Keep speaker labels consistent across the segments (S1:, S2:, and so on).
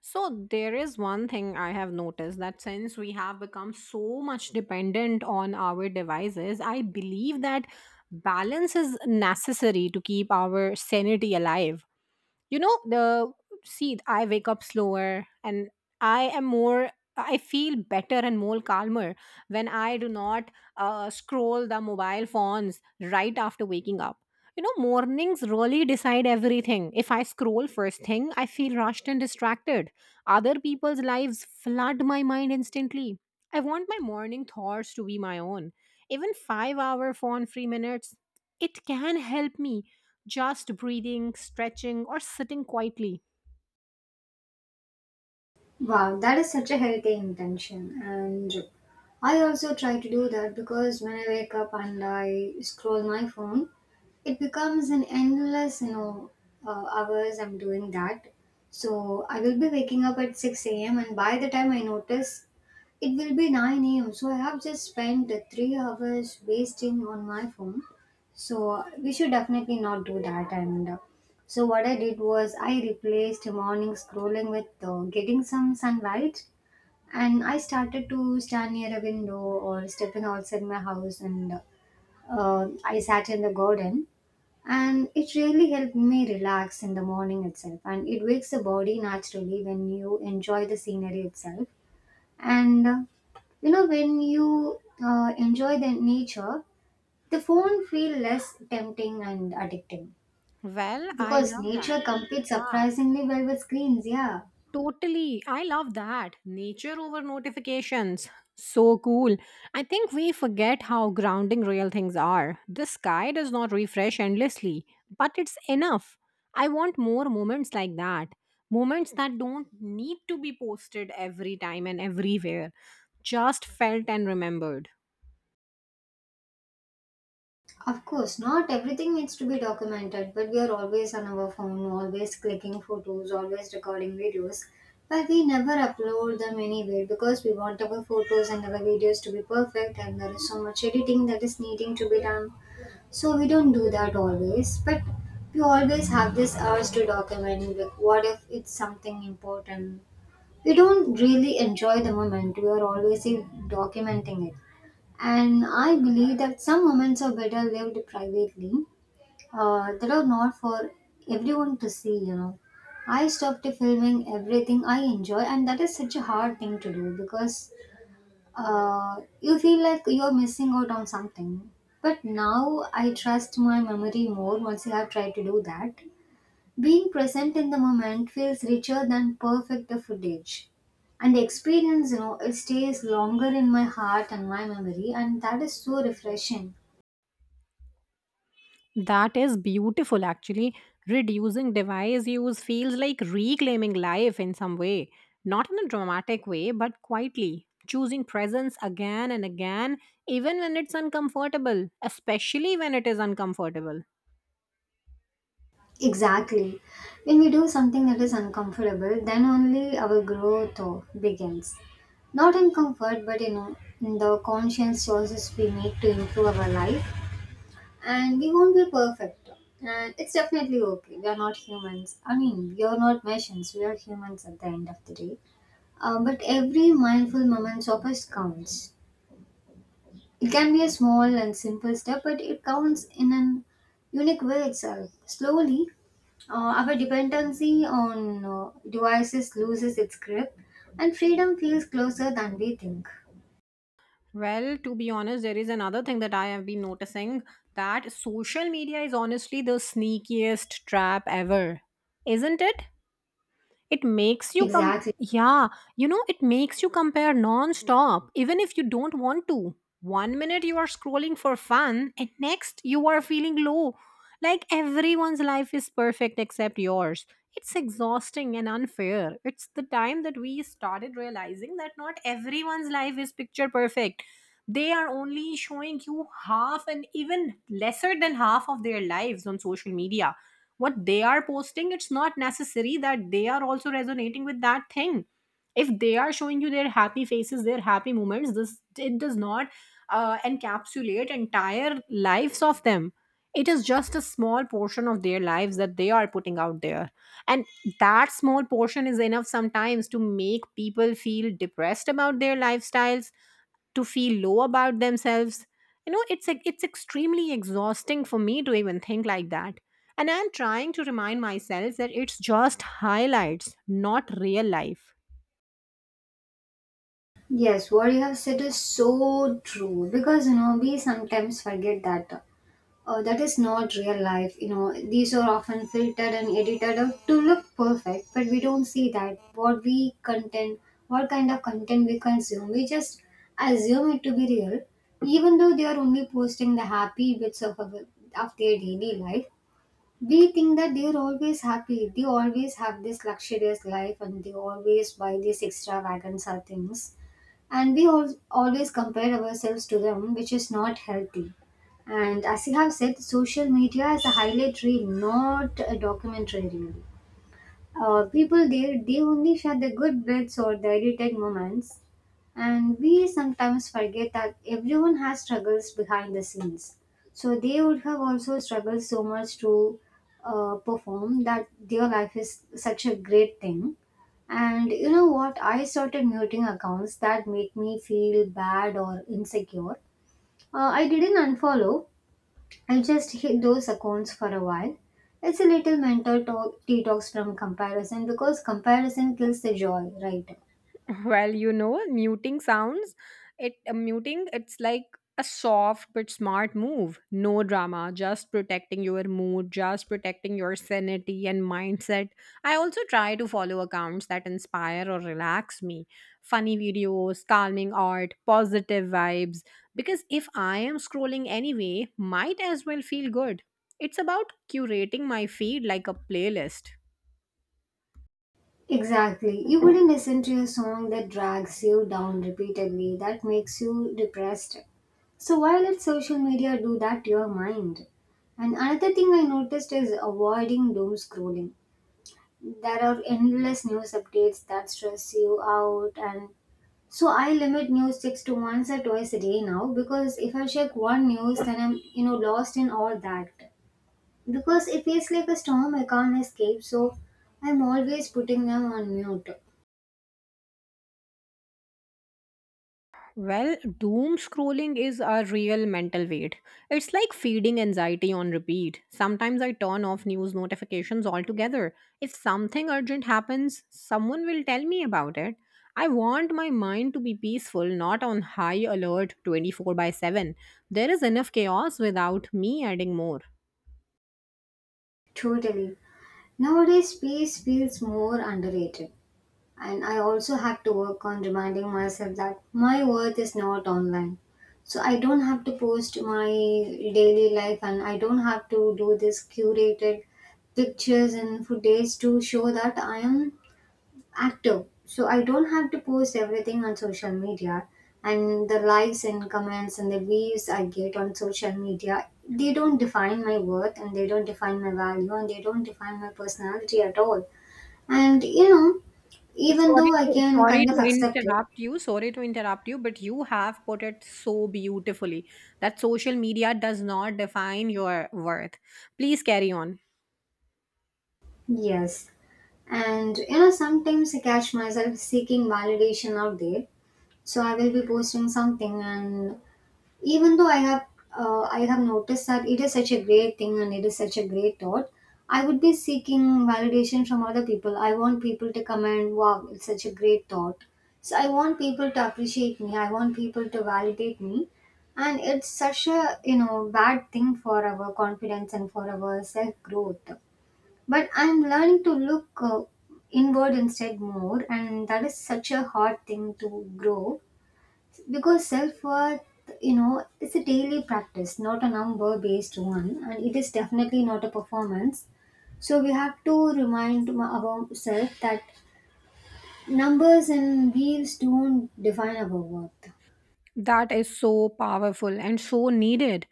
S1: So there is one thing I have noticed that since we have become so much dependent on our devices, I believe that balance is necessary to keep our sanity alive. You know the See I wake up slower and i am more I feel better and more calmer when I do not scroll the mobile phones right after waking up. Mornings really decide everything. If I scroll first thing, I feel rushed and distracted. Other people's lives flood my mind instantly. I want my morning thoughts to be my own. Even 5-hour phone free minutes, it can help me. Just breathing, stretching, or sitting quietly.
S2: Wow, that is such a healthy intention. And I also try to do that because when I wake up and I scroll my phone, it becomes an endless hours I'm doing that. So I will be waking up at 6 a.m. and by the time I notice, it will be 9 a.m. So I have just spent 3 hours wasting on my phone. So we should definitely not do that. And so what I did was I replaced morning scrolling with getting some sunlight and I started to stand near a window or stepping outside my house and I sat in the garden, and it really helped me relax in the morning itself, and it wakes the body naturally when you enjoy the scenery itself. And uh, you know when you uh, enjoy the nature, the phone feel less tempting and addicting
S1: Well, I
S2: because
S1: love that.
S2: nature competes
S1: Yeah.
S2: surprisingly well with screens, yeah.
S1: Totally. I love that. Nature over notifications. So cool. I think we forget how grounding real things are. The sky does not refresh endlessly, but it's enough. I want more moments like that. Moments that don't need to be posted every time and everywhere, just felt and remembered.
S2: Of course, not everything needs to be documented, but we are always on our phone, always clicking photos, always recording videos. But we never upload them anywhere because we want our photos and our videos to be perfect, and there is so much editing that is needing to be done. So we don't do that always, but we always have this urge to document. Like, what if it's something important? We don't really enjoy the moment, we are always documenting it. And I believe that some moments are better lived privately, that are not for everyone to see. I stopped filming everything I enjoy, and that is such a hard thing to do because you feel like you're missing out on something. But now I trust my memory more once I have tried to do that. Being present in the moment feels richer than perfect the footage. And the experience, it stays longer in my heart and my memory, and that is so refreshing.
S1: That is beautiful, actually. Reducing device use feels like reclaiming life in some way. Not in a dramatic way, but quietly. Choosing presence again and again, even when it's uncomfortable, especially when it is uncomfortable.
S2: Exactly. When we do something that is uncomfortable, then only our growth begins. Not in comfort, but in the conscious choices we make to improve our life. And we won't be perfect. And it's definitely okay. We are not humans. I mean, we are not machines. We are humans at the end of the day. But every mindful moment of us counts. It can be a small and simple step, but it counts in an unique way itself. Slowly, uh, our dependency on devices loses its grip, and freedom feels closer than we think.
S1: Well, to be honest, there is another thing that I have been noticing that social media is honestly the sneakiest trap ever, isn't it? It makes you com-
S2: Exactly.
S1: yeah, it makes you compare non-stop even if you don't want to. One minute you are scrolling for fun and next you are feeling low. Like everyone's life is perfect except yours. It's exhausting and unfair. It's the time that we started realizing that not everyone's life is picture perfect. They are only showing you half and even lesser than half of their lives on social media. What they are posting, it's not necessary that they are also resonating with that thing. If they are showing you their happy faces, their happy moments, this, it does not encapsulate entire lives of them. It is just a small portion of their lives that they are putting out there, and that small portion is enough sometimes to make people feel depressed about their lifestyles, to feel low about themselves. It's extremely exhausting for me to even think like that, and I'm trying to remind myself that it's just highlights, not real life.
S2: Yes, what you have said is so true because you know we sometimes forget that that is not real life. You know, these are often filtered and edited out to look perfect, but we don't see that. What we content, what kind of content we consume, we just assume it to be real, even though they are only posting the happy bits of their daily life. We think that they are always happy. They always have this luxurious life, and they always buy these extravagant things, and we always compare ourselves to them, which is not healthy. And as you have said, social media is a highlight reel, not a documentary reel. People there they only share the good bits or the edited moments, and we sometimes forget that everyone has struggles behind the scenes. So they would have also struggled so much to perform that their life is such a great thing. And you know what? I started muting accounts that make me feel bad or insecure. I didn't unfollow, I just hid those accounts for a while. It's a little mental talk, detox from comparison because comparison kills the joy, right?
S1: Well, muting sounds, it's like a soft but smart move. No drama, just protecting your mood, just protecting your sanity and mindset. I also try to follow accounts that inspire or relax me. Funny videos, calming art, positive vibes, because if I am scrolling anyway, might as well feel good. It's about curating my feed like a playlist.
S2: Exactly. You wouldn't listen to a song that drags you down repeatedly, that makes you depressed. So why let social media do that to your mind? And another thing I noticed is avoiding doom scrolling. There are endless news updates that stress you out, and so I limit news sticks to once or twice a day now because if I check one news then I'm lost in all that. Because it feels like a storm I can't escape, so I'm always putting them on mute.
S1: Well, doom scrolling is a real mental weight. It's like feeding anxiety on repeat. Sometimes I turn off news notifications altogether. If something urgent happens, someone will tell me about it. I want my mind to be peaceful, not on high alert 24/7. There is enough chaos without me adding more.
S2: Totally. Nowadays, peace feels more underrated. And I also have to work on reminding myself that my worth is not online. So I don't have to post my daily life and I don't have to do this curated pictures and footage to show that I am active, so I don't have to post everything on social media, and the likes and comments and the views I get on social media, they don't define my worth and they don't define my value and they don't define my personality at all. And you know, even
S1: Sorry
S2: though I
S1: to
S2: can
S1: sorry
S2: kind of
S1: to
S2: accept it,
S1: interrupt you. Sorry to interrupt you, but you have put it so beautifully that social media does not define your worth. Please carry on.
S2: yes. And you know, sometimes I catch myself seeking validation out there, so I will be posting something, and even though I have noticed that it is such a great thing and it is such a great thought, I would be seeking validation from other people. I want people to come and wow, it's such a great thought. So I want people to appreciate me. I want people to validate me, and it's such a bad thing for our confidence and for our self growth. But I'm learning to look inward instead more, and that is such a hard thing to grow because self-worth, you know, it's a daily practice, not a number based one, and it is definitely not a performance. So we have to remind ourselves that numbers and wheels don't define our worth.
S1: That is so powerful and so needed.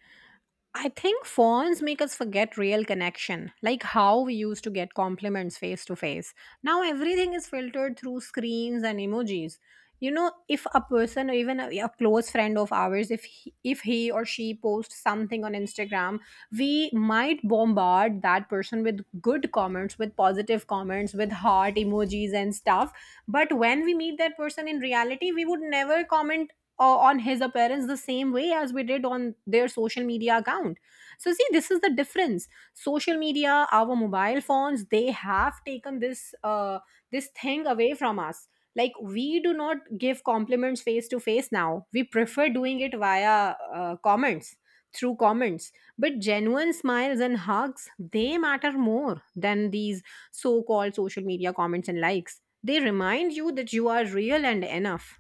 S1: I think phones make us forget real connection, like how we used to get compliments face to face. Now everything is filtered through screens and emojis. If a person or even a close friend of ours, if he or she posts something on Instagram, we might bombard that person with good comments, with positive comments, with heart emojis and stuff. But when we meet that person in reality, we would never comment on his appearance the same way as we did on their social media account. So see, this is the difference. Social media, our mobile phones, they have taken this thing away from us. Like, we do not give compliments face to face now. We prefer doing it via comments, through comments. But genuine smiles and hugs, they matter more than these so called social media comments and likes. They remind you that you are real and enough.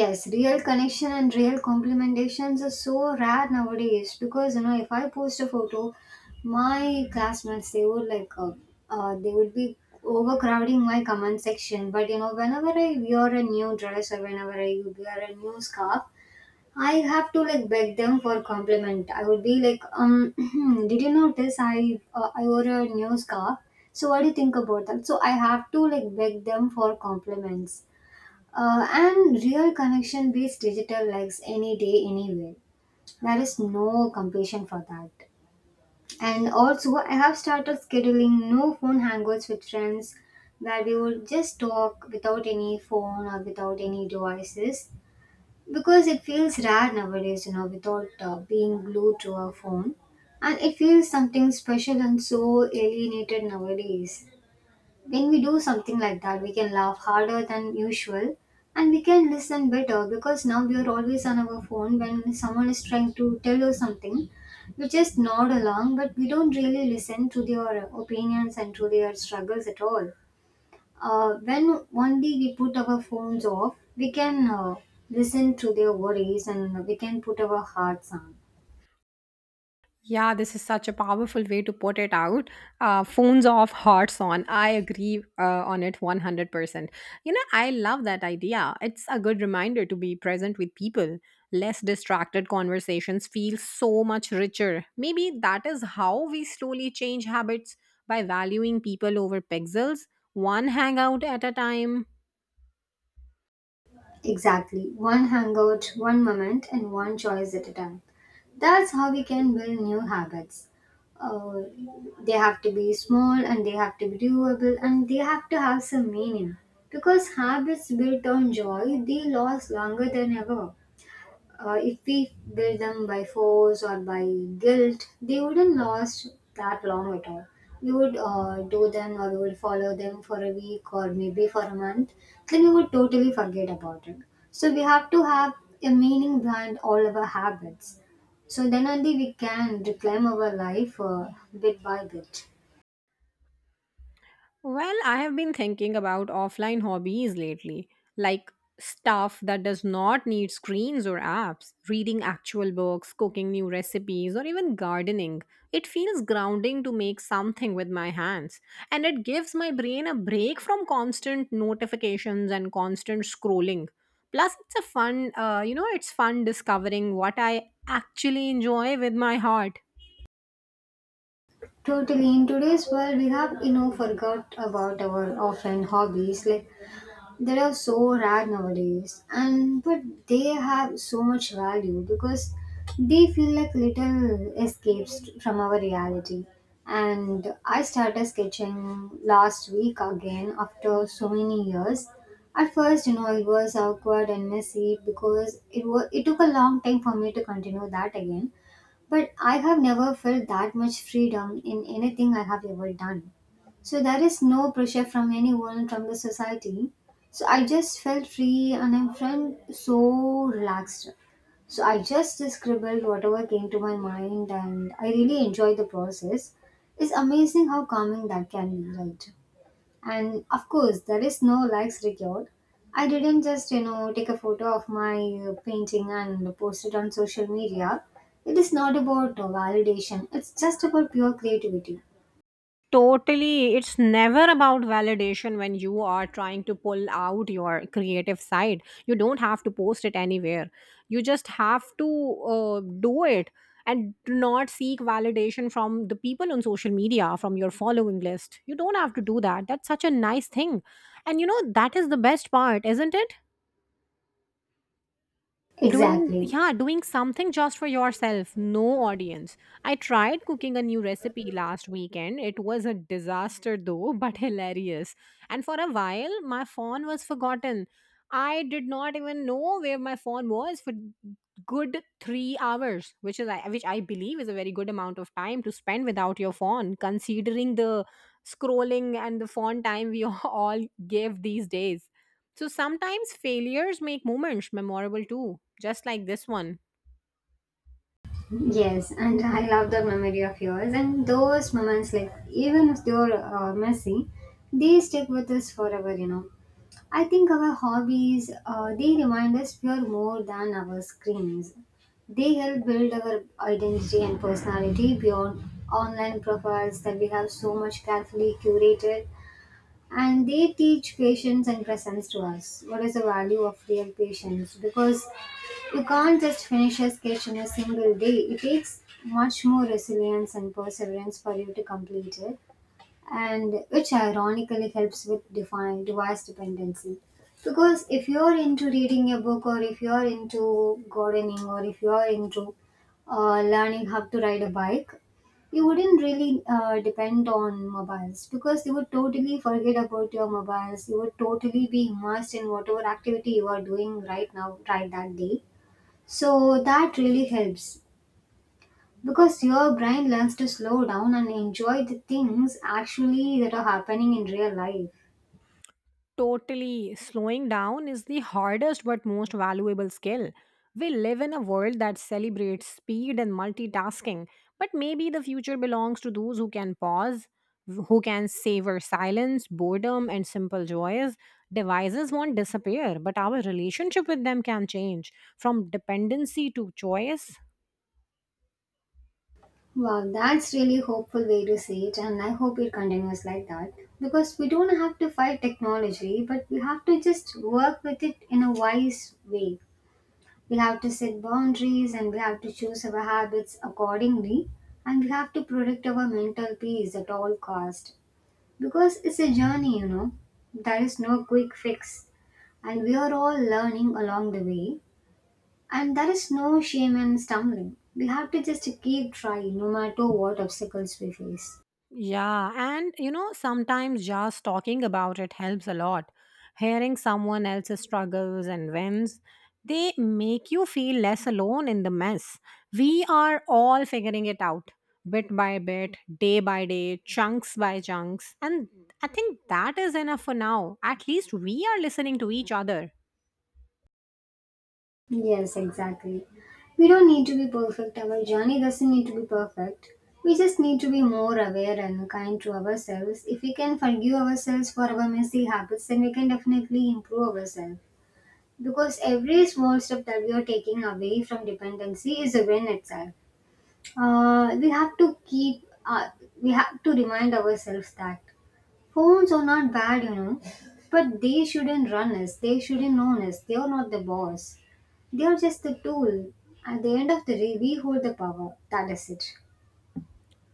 S2: Yes, real connection and real complimentations are so rare nowadays because you know if I post a photo, my classmates they would like they would be overcrowding my comment section. But you know whenever I wear a new dress or whenever I wear a new scarf, I have to like beg them for compliment. I would be like, did you notice I wore a new scarf? So what do you think about that? So I have to like beg them for compliments. And real connection beats digital likes any day, anywhere. There is no compassion for that. And also, I have started scheduling no phone hangouts with friends where we would just talk without any phone or without any devices because it feels rare nowadays, you know, without being glued to a phone. And it feels something special and so alienated nowadays. When we do something like that, we can laugh harder than usual and we can listen better because now we are always on our phone when someone is trying to tell us something. We just nod along, but we don't really listen to their opinions and to their struggles at all. When only we put our phones off, we can listen to their worries and we can put our hearts on.
S1: Yeah, this is such a powerful way to put it out. Phones off, hearts on. I agree on it 100%. I love that idea. It's a good reminder to be present with people. Less distracted conversations feel so much richer. Maybe that is how we slowly change habits by valuing people over pixels, one hangout at a time.
S2: Exactly. One hangout, one moment, and one choice at a time. That's how we can build new habits. Uh, they have to be small and they have to be doable and they have to have some meaning. Because habits built on joy, they last longer than ever. If we build them by force or by guilt, they wouldn't last that long at all. We would do them or we would follow them for a week or maybe for a month, then we would totally forget about it. So we have to have a meaning behind all of our habits. So then only we can reclaim our life bit by bit.
S1: Well, I have been thinking about offline hobbies lately, like stuff that does not need screens or apps, reading actual books, cooking new recipes, or even gardening. It feels grounding to make something with my hands, and it gives my brain a break from constant notifications and constant scrolling. Plus, it's a fun, you know, it's fun discovering what I actually enjoy with my heart.
S2: Totally. In today's world, we have, you know, forgot about our often hobbies. Like, they are so rare nowadays, and but they have so much value because they feel like little escapes from our reality. And I started sketching last week again after so many years. At first, you know, it was awkward and messy because it was it took a long time for me to continue that again. But I have never felt that much freedom in anything I have ever done. So there is no pressure from anyone from the society. So I just felt free and I'm friend so relaxed. So I just scribbled whatever came to my mind and I really enjoyed the process. It's amazing how calming that can be, right? And of course, there is no likes required. I didn't just, you know, take a photo of my painting and post it on social media. It is not about validation, it's just about pure creativity.
S1: Totally, it's never about validation when you are trying to pull out your creative side. You don't have to post it anywhere. You just have to do it and do not seek validation from the people on social media, from your following list. You don't have to do that. That's such a nice thing. And that is the best part, isn't it? Doing
S2: Exactly.
S1: Yeah, doing something just for yourself, no audience. I tried cooking a new recipe last weekend. It was a disaster though, but hilarious. And for a while my phone was forgotten. I did not even know where my phone was for good 3 hours, which I believe is a very good amount of time to spend without your phone considering the scrolling and the phone time we all give these days. So sometimes failures make moments memorable too, just like this one.
S2: Yes, and I love that memory of yours. And those moments, like even if they're messy, they stick with us forever. You know, I think our hobbies they remind us we are more than our screens. They help build our identity and personality beyond online profiles that we have so much carefully curated, and they teach patience and presence to us. What is the value of real patience? Because you can't just finish a sketch in a single day. It takes much more resilience and perseverance for you to complete it, and which ironically helps with define device dependency, because if you're into reading a book, or if you're into gardening, or if you're into learning how to ride a bike, you wouldn't really depend on mobiles, because you would totally forget about your mobiles, you would totally be immersed in whatever activity you are doing right now, right, that day. So that really helps, because your brain learns to slow down and enjoy the things actually that are happening in real life.
S1: Totally, slowing down is the hardest but most valuable skill. We live in a world that celebrates speed and multitasking, but maybe the future belongs to those who can pause, who can savor silence, boredom, and simple joys. Devices won't disappear, but our relationship with them can change from dependency to choice.
S2: Wow, that's really hopeful way to see it, and I hope it continues like that. Because we don't have to fight technology, but we have to just work with it in a wise way. We have to set boundaries and we have to choose our habits accordingly, and we have to protect our mental peace at all cost. Because it's a journey. There is no quick fix, and we are all learning along the way, and there is no shame in stumbling. We have to just keep trying no matter what obstacles we face.
S1: Yeah, and sometimes just talking about it helps a lot. Hearing someone else's struggles and wins, they make you feel less alone in the mess. We are all figuring it out bit by bit, day by day, chunks by chunks. And I think that is enough for now. At least we are listening to each other.
S2: Yes, exactly. We don't need to be perfect, our journey doesn't need to be perfect. We just need to be more aware and kind to ourselves. If we can forgive ourselves for our messy habits, then we can definitely improve ourselves, because every small step that we are taking away from dependency is a win itself. Uh, we have to keep, uh, we have to remind ourselves that phones are not bad, but they shouldn't run us, they shouldn't own us, they are not the boss. They are just the tool. At the end of the day, we hold the power. That is it.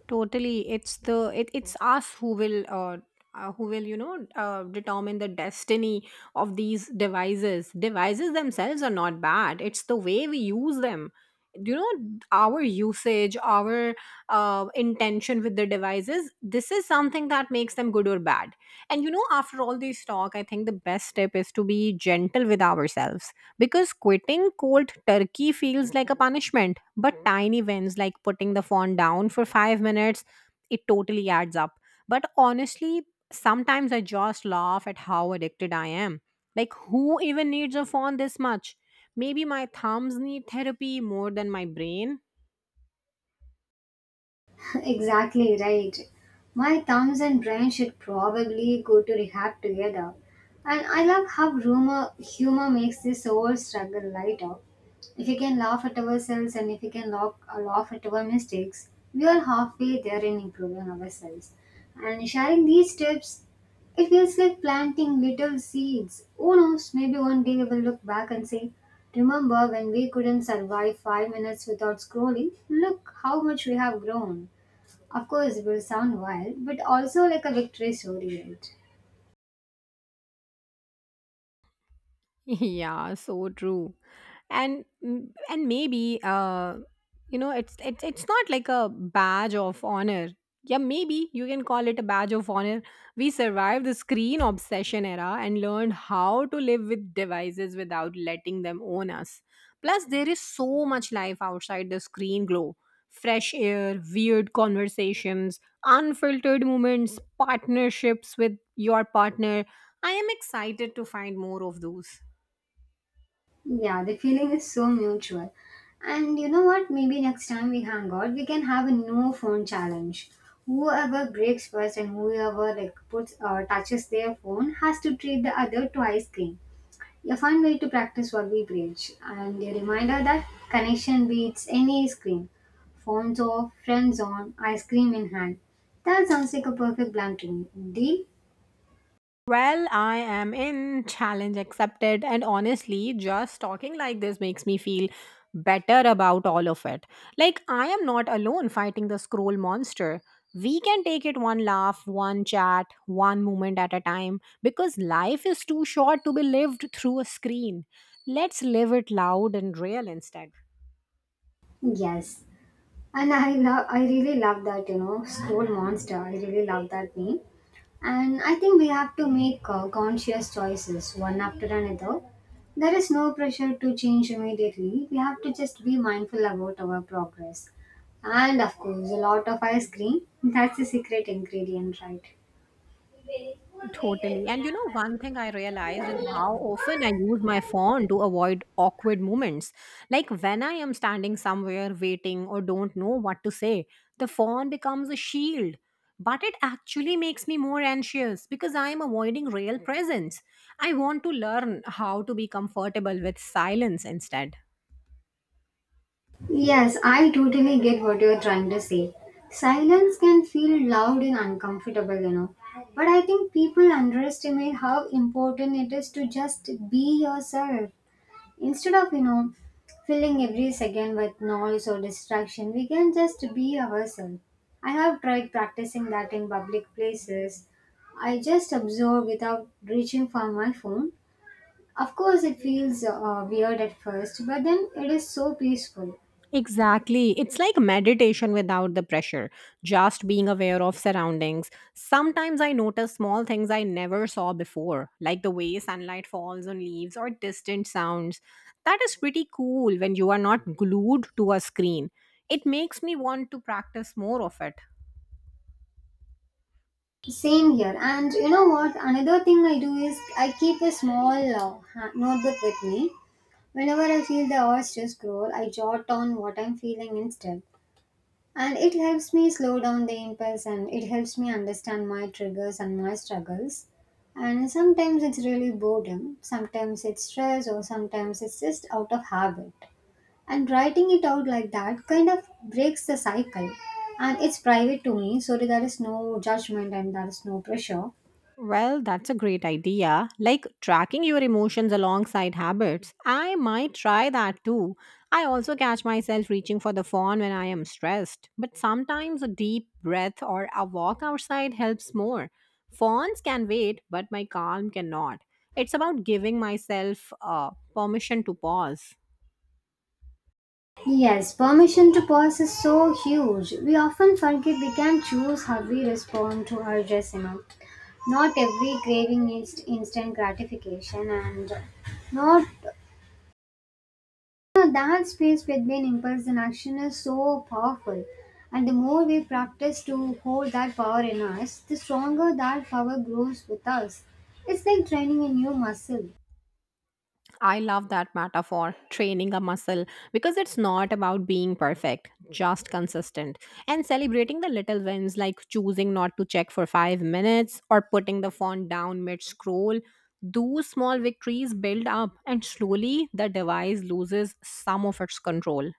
S1: Totally, it's us who will determine the destiny of these devices. Devices themselves are not bad. It's the way we use them. You know, our usage, our intention with the devices. This is something that makes them good or bad. And after all this talk, I think the best tip is to be gentle with ourselves, because quitting cold turkey feels like a punishment, but tiny wins like putting the phone down for 5 minutes, it totally adds up. But honestly, sometimes I just laugh at how addicted I am. Like, who even needs a phone this much? Maybe my thumbs need therapy more than my brain.
S2: Exactly right. My thumbs and brain should probably go to rehab together. And I love how humor makes this whole struggle lighter. If we can laugh at ourselves, and if we can laugh at our mistakes, we are halfway there in improving ourselves. And sharing these tips, it feels like planting little seeds. Who knows, maybe one day we will look back and say, "Remember when we couldn't survive 5 minutes without scrolling? Look how much we have grown." Of course, it will sound wild, but also like a victory story, right?
S1: Yeah, so true. And maybe it's not like a badge of honor. Yeah, maybe you can call it a badge of honor. We survived the screen obsession era and learned how to live with devices without letting them own us. Plus, there is so much life outside the screen glow. Fresh air, weird conversations, unfiltered moments, partnerships with your partner. I am excited to find more of those.
S2: Yeah, the feeling is so mutual. And you know what? Maybe next time we hang out, we can have a no phone challenge. Whoever breaks first and whoever like puts or touches their phone has to treat the other to ice cream. A fun way to practice what we preach, and a reminder that connection beats any screen. Phones off, friends on, ice cream in hand. That sounds like a perfect plan to me. Deal?
S1: Well, I am in, challenge accepted, and honestly, just talking like this makes me feel better about all of it. Like, I am not alone fighting the scroll monster. We can take it one laugh, one chat, one moment at a time, because life is too short to be lived through a screen. Let's live it loud and real instead.
S2: Yes. And I love, I really love that, School Monster. I really love that name. And I think we have to make conscious choices one after another. There is no pressure to change immediately. We have to just be mindful about our progress. And of course, a lot of ice cream. That's the secret ingredient, right?
S1: Totally. And one thing I realized is how often I use my phone to avoid awkward moments. Like when I am standing somewhere waiting or don't know what to say, the phone becomes a shield. But it actually makes me more anxious because I am avoiding real presence. I want to learn how to be comfortable with silence instead.
S2: Yes, I totally get what you're trying to say. Silence can feel loud and uncomfortable. But I think people underestimate how important it is to just be yourself. Instead of, filling every second with noise or distraction, we can just be ourselves. I have tried practicing that in public places. I just observe without reaching for my phone. Of course, it feels weird at first, but then it is so peaceful.
S1: Exactly. It's like meditation without the pressure, just being aware of surroundings. Sometimes I notice small things I never saw before, like the way sunlight falls on leaves or distant sounds. That is pretty cool when you are not glued to a screen. It makes me want to practice more of it.
S2: Same here. And you know what? Another thing I do is I keep a small notebook with me. Whenever I feel the urge to scroll, I jot down what I'm feeling instead. And it helps me slow down the impulse, and it helps me understand my triggers and my struggles. And sometimes it's really boredom, sometimes it's stress, or sometimes it's just out of habit. And writing it out like that kind of breaks the cycle. And it's private to me, so there is no judgment and there is no pressure.
S1: Well, that's a great idea. Like tracking your emotions alongside habits. I might try that too. I also catch myself reaching for the phone when I am stressed, but sometimes a deep breath or a walk outside helps more. Phones can wait, but my calm cannot. It's about giving myself permission to pause.
S2: Yes, permission to pause is so huge. We often forget we can choose how we respond to our dress. Not every craving needs instant gratification, and not that space between impulse and action is so powerful. And the more we practice to hold that power in us, the stronger that power grows with us. It's like training a new muscle.
S1: I love that metaphor, training a muscle, because it's not about being perfect, just consistent. And celebrating the little wins, like choosing not to check for 5 minutes or putting the font down mid scroll. Those small victories build up, and slowly the device loses some of its control.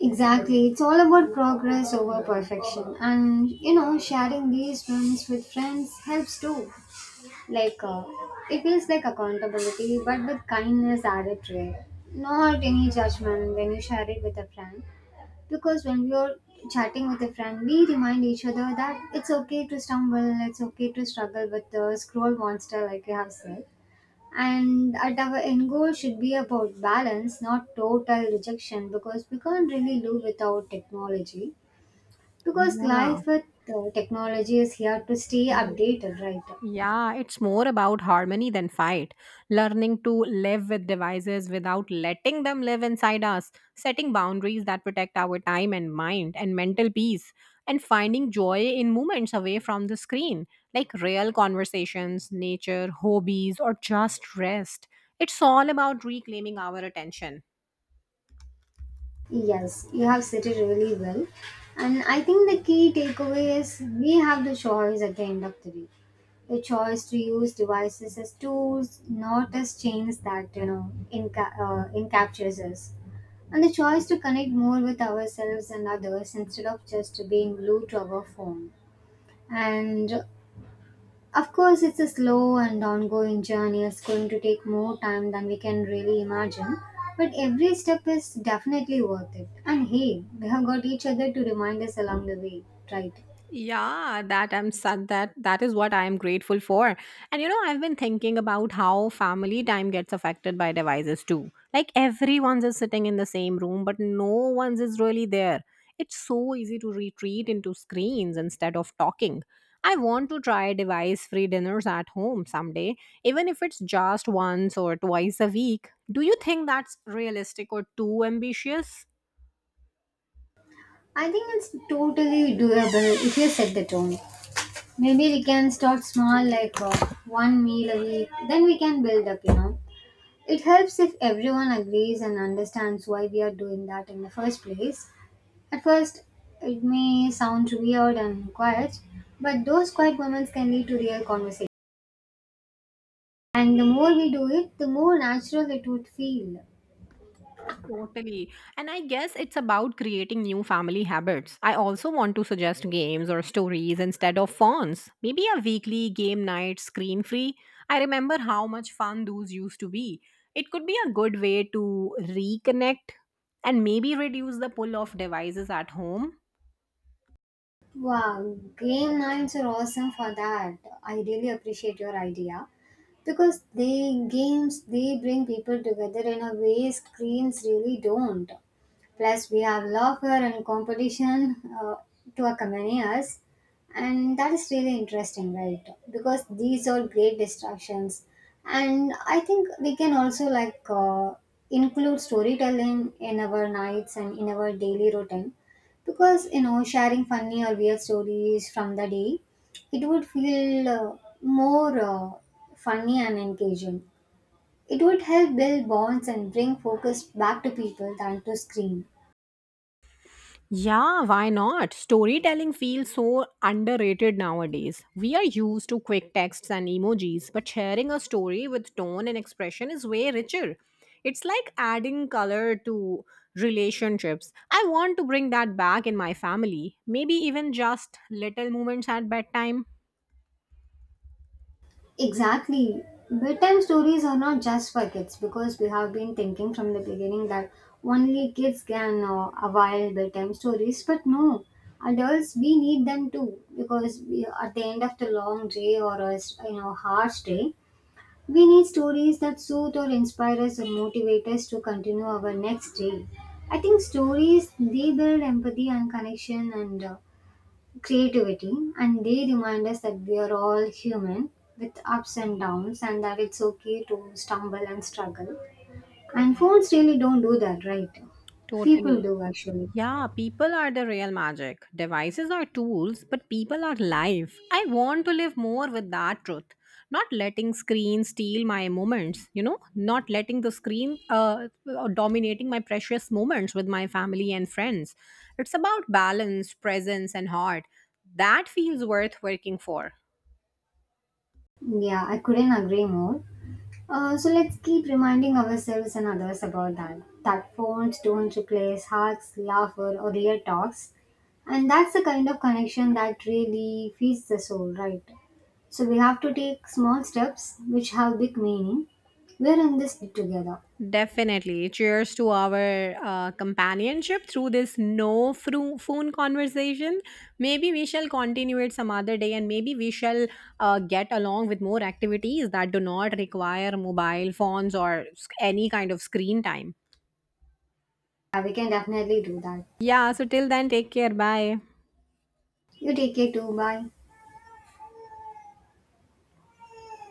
S2: Exactly. It's all about progress over perfection. And sharing these wins with friends helps too. Like, it feels like accountability, but with kindness added to it. Not any judgment when you share it with a friend. Because when we are chatting with a friend, we remind each other that it's okay to stumble, it's okay to struggle with the scroll monster, like you have said. And at our end goal should be about balance, not total rejection, because we can't really live without technology, because
S1: Yeah.
S2: life with technology is here to stay updated, right?
S1: Yeah, it's more about harmony than fight. Learning to live with devices without letting them live inside us, setting boundaries that protect our time and mind and mental peace, and finding joy in moments away from the screen, like real conversations, nature, hobbies, or just rest. It's all about reclaiming our attention.
S2: Yes, you have said it really well. And I think the key takeaway is we have the choice at the end of the day. The choice to use devices as tools, not as chains that encaptures us. And the choice to connect more with ourselves and others instead of just being glued to our phone. And of course, it's a slow and ongoing journey. It's going to take more time than we can really imagine. But every step is definitely worth it. And hey, we have got each other to remind us along the way, right?
S1: Yeah, that I'm sad that that is what I am grateful for. And I've been thinking about how family time gets affected by devices too. Like everyone's is sitting in the same room, but no one's is really there. It's so easy to retreat into screens instead of talking. I want to try device free dinners at home someday, even if it's just once or twice a week. Do you think that's realistic or too ambitious?
S2: I think it's totally doable if you set the tone. Maybe we can start small, like one meal a week, then we can build up. It helps if everyone agrees and understands why we are doing that in the first place. At first, it may sound weird and quiet, but those quiet moments can lead to real conversation. And the more we do it, the more natural it would feel.
S1: Totally. And I guess it's about creating new family habits. I also want to suggest games or stories instead of phones. Maybe a weekly game night screen free. I remember how much fun those used to be. It could be a good way to reconnect and maybe reduce the pull of devices at home.
S2: Wow, game nights are awesome for that. I really appreciate your idea, because they bring people together in a way screens really don't. Plus, we have laughter and competition to accompany us. And that is really interesting, right? Because these are great distractions. And I think we can also like include storytelling in our nights and in our daily routine, because sharing funny or weird stories from the day, it would feel more funny and engaging. It would help build bonds and bring focus back to people than to screen.
S1: Yeah, why not? Storytelling feels so underrated nowadays. We are used to quick texts and emojis, but sharing a story with tone and expression is way richer. It's like adding color to relationships. I want to bring that back in my family. Maybe even just little moments at bedtime.
S2: Exactly. Bedtime stories are not just for kids, because we have been thinking from the beginning that only kids can avail bedtime stories, but no, adults we need them too, because we, at the end of the long day or a harsh day, we need stories that soothe or inspire us or motivate us to continue our next day. I think stories they build empathy and connection and creativity, and they remind us that we are all human, with ups and downs, and that it's okay to stumble and struggle, and phones really don't do that, right? People
S1: Totally.
S2: do actually.
S1: Yeah, people are the real magic. Devices are tools, but people are life. I want to live more with that truth. Not letting screen steal my moments, not letting the screen dominating my precious moments with my family and friends. It's about balance, presence, and heart. That feels worth working for.
S2: Yeah, I couldn't agree more. So let's keep reminding ourselves and others about that. That phones don't replace hugs, laughter, or real talks. And that's the kind of connection that really feeds the soul, right? So we have to take small steps which have big meaning. We're in this together.
S1: Definitely. Cheers to our companionship through this no phone conversation. Maybe we shall continue it some other day, and maybe we shall get along with more activities that do not require mobile phones or any kind of screen time.
S2: Yeah, we can definitely do that.
S1: Yeah, so till then, take care. Bye.
S2: You take care too. Bye.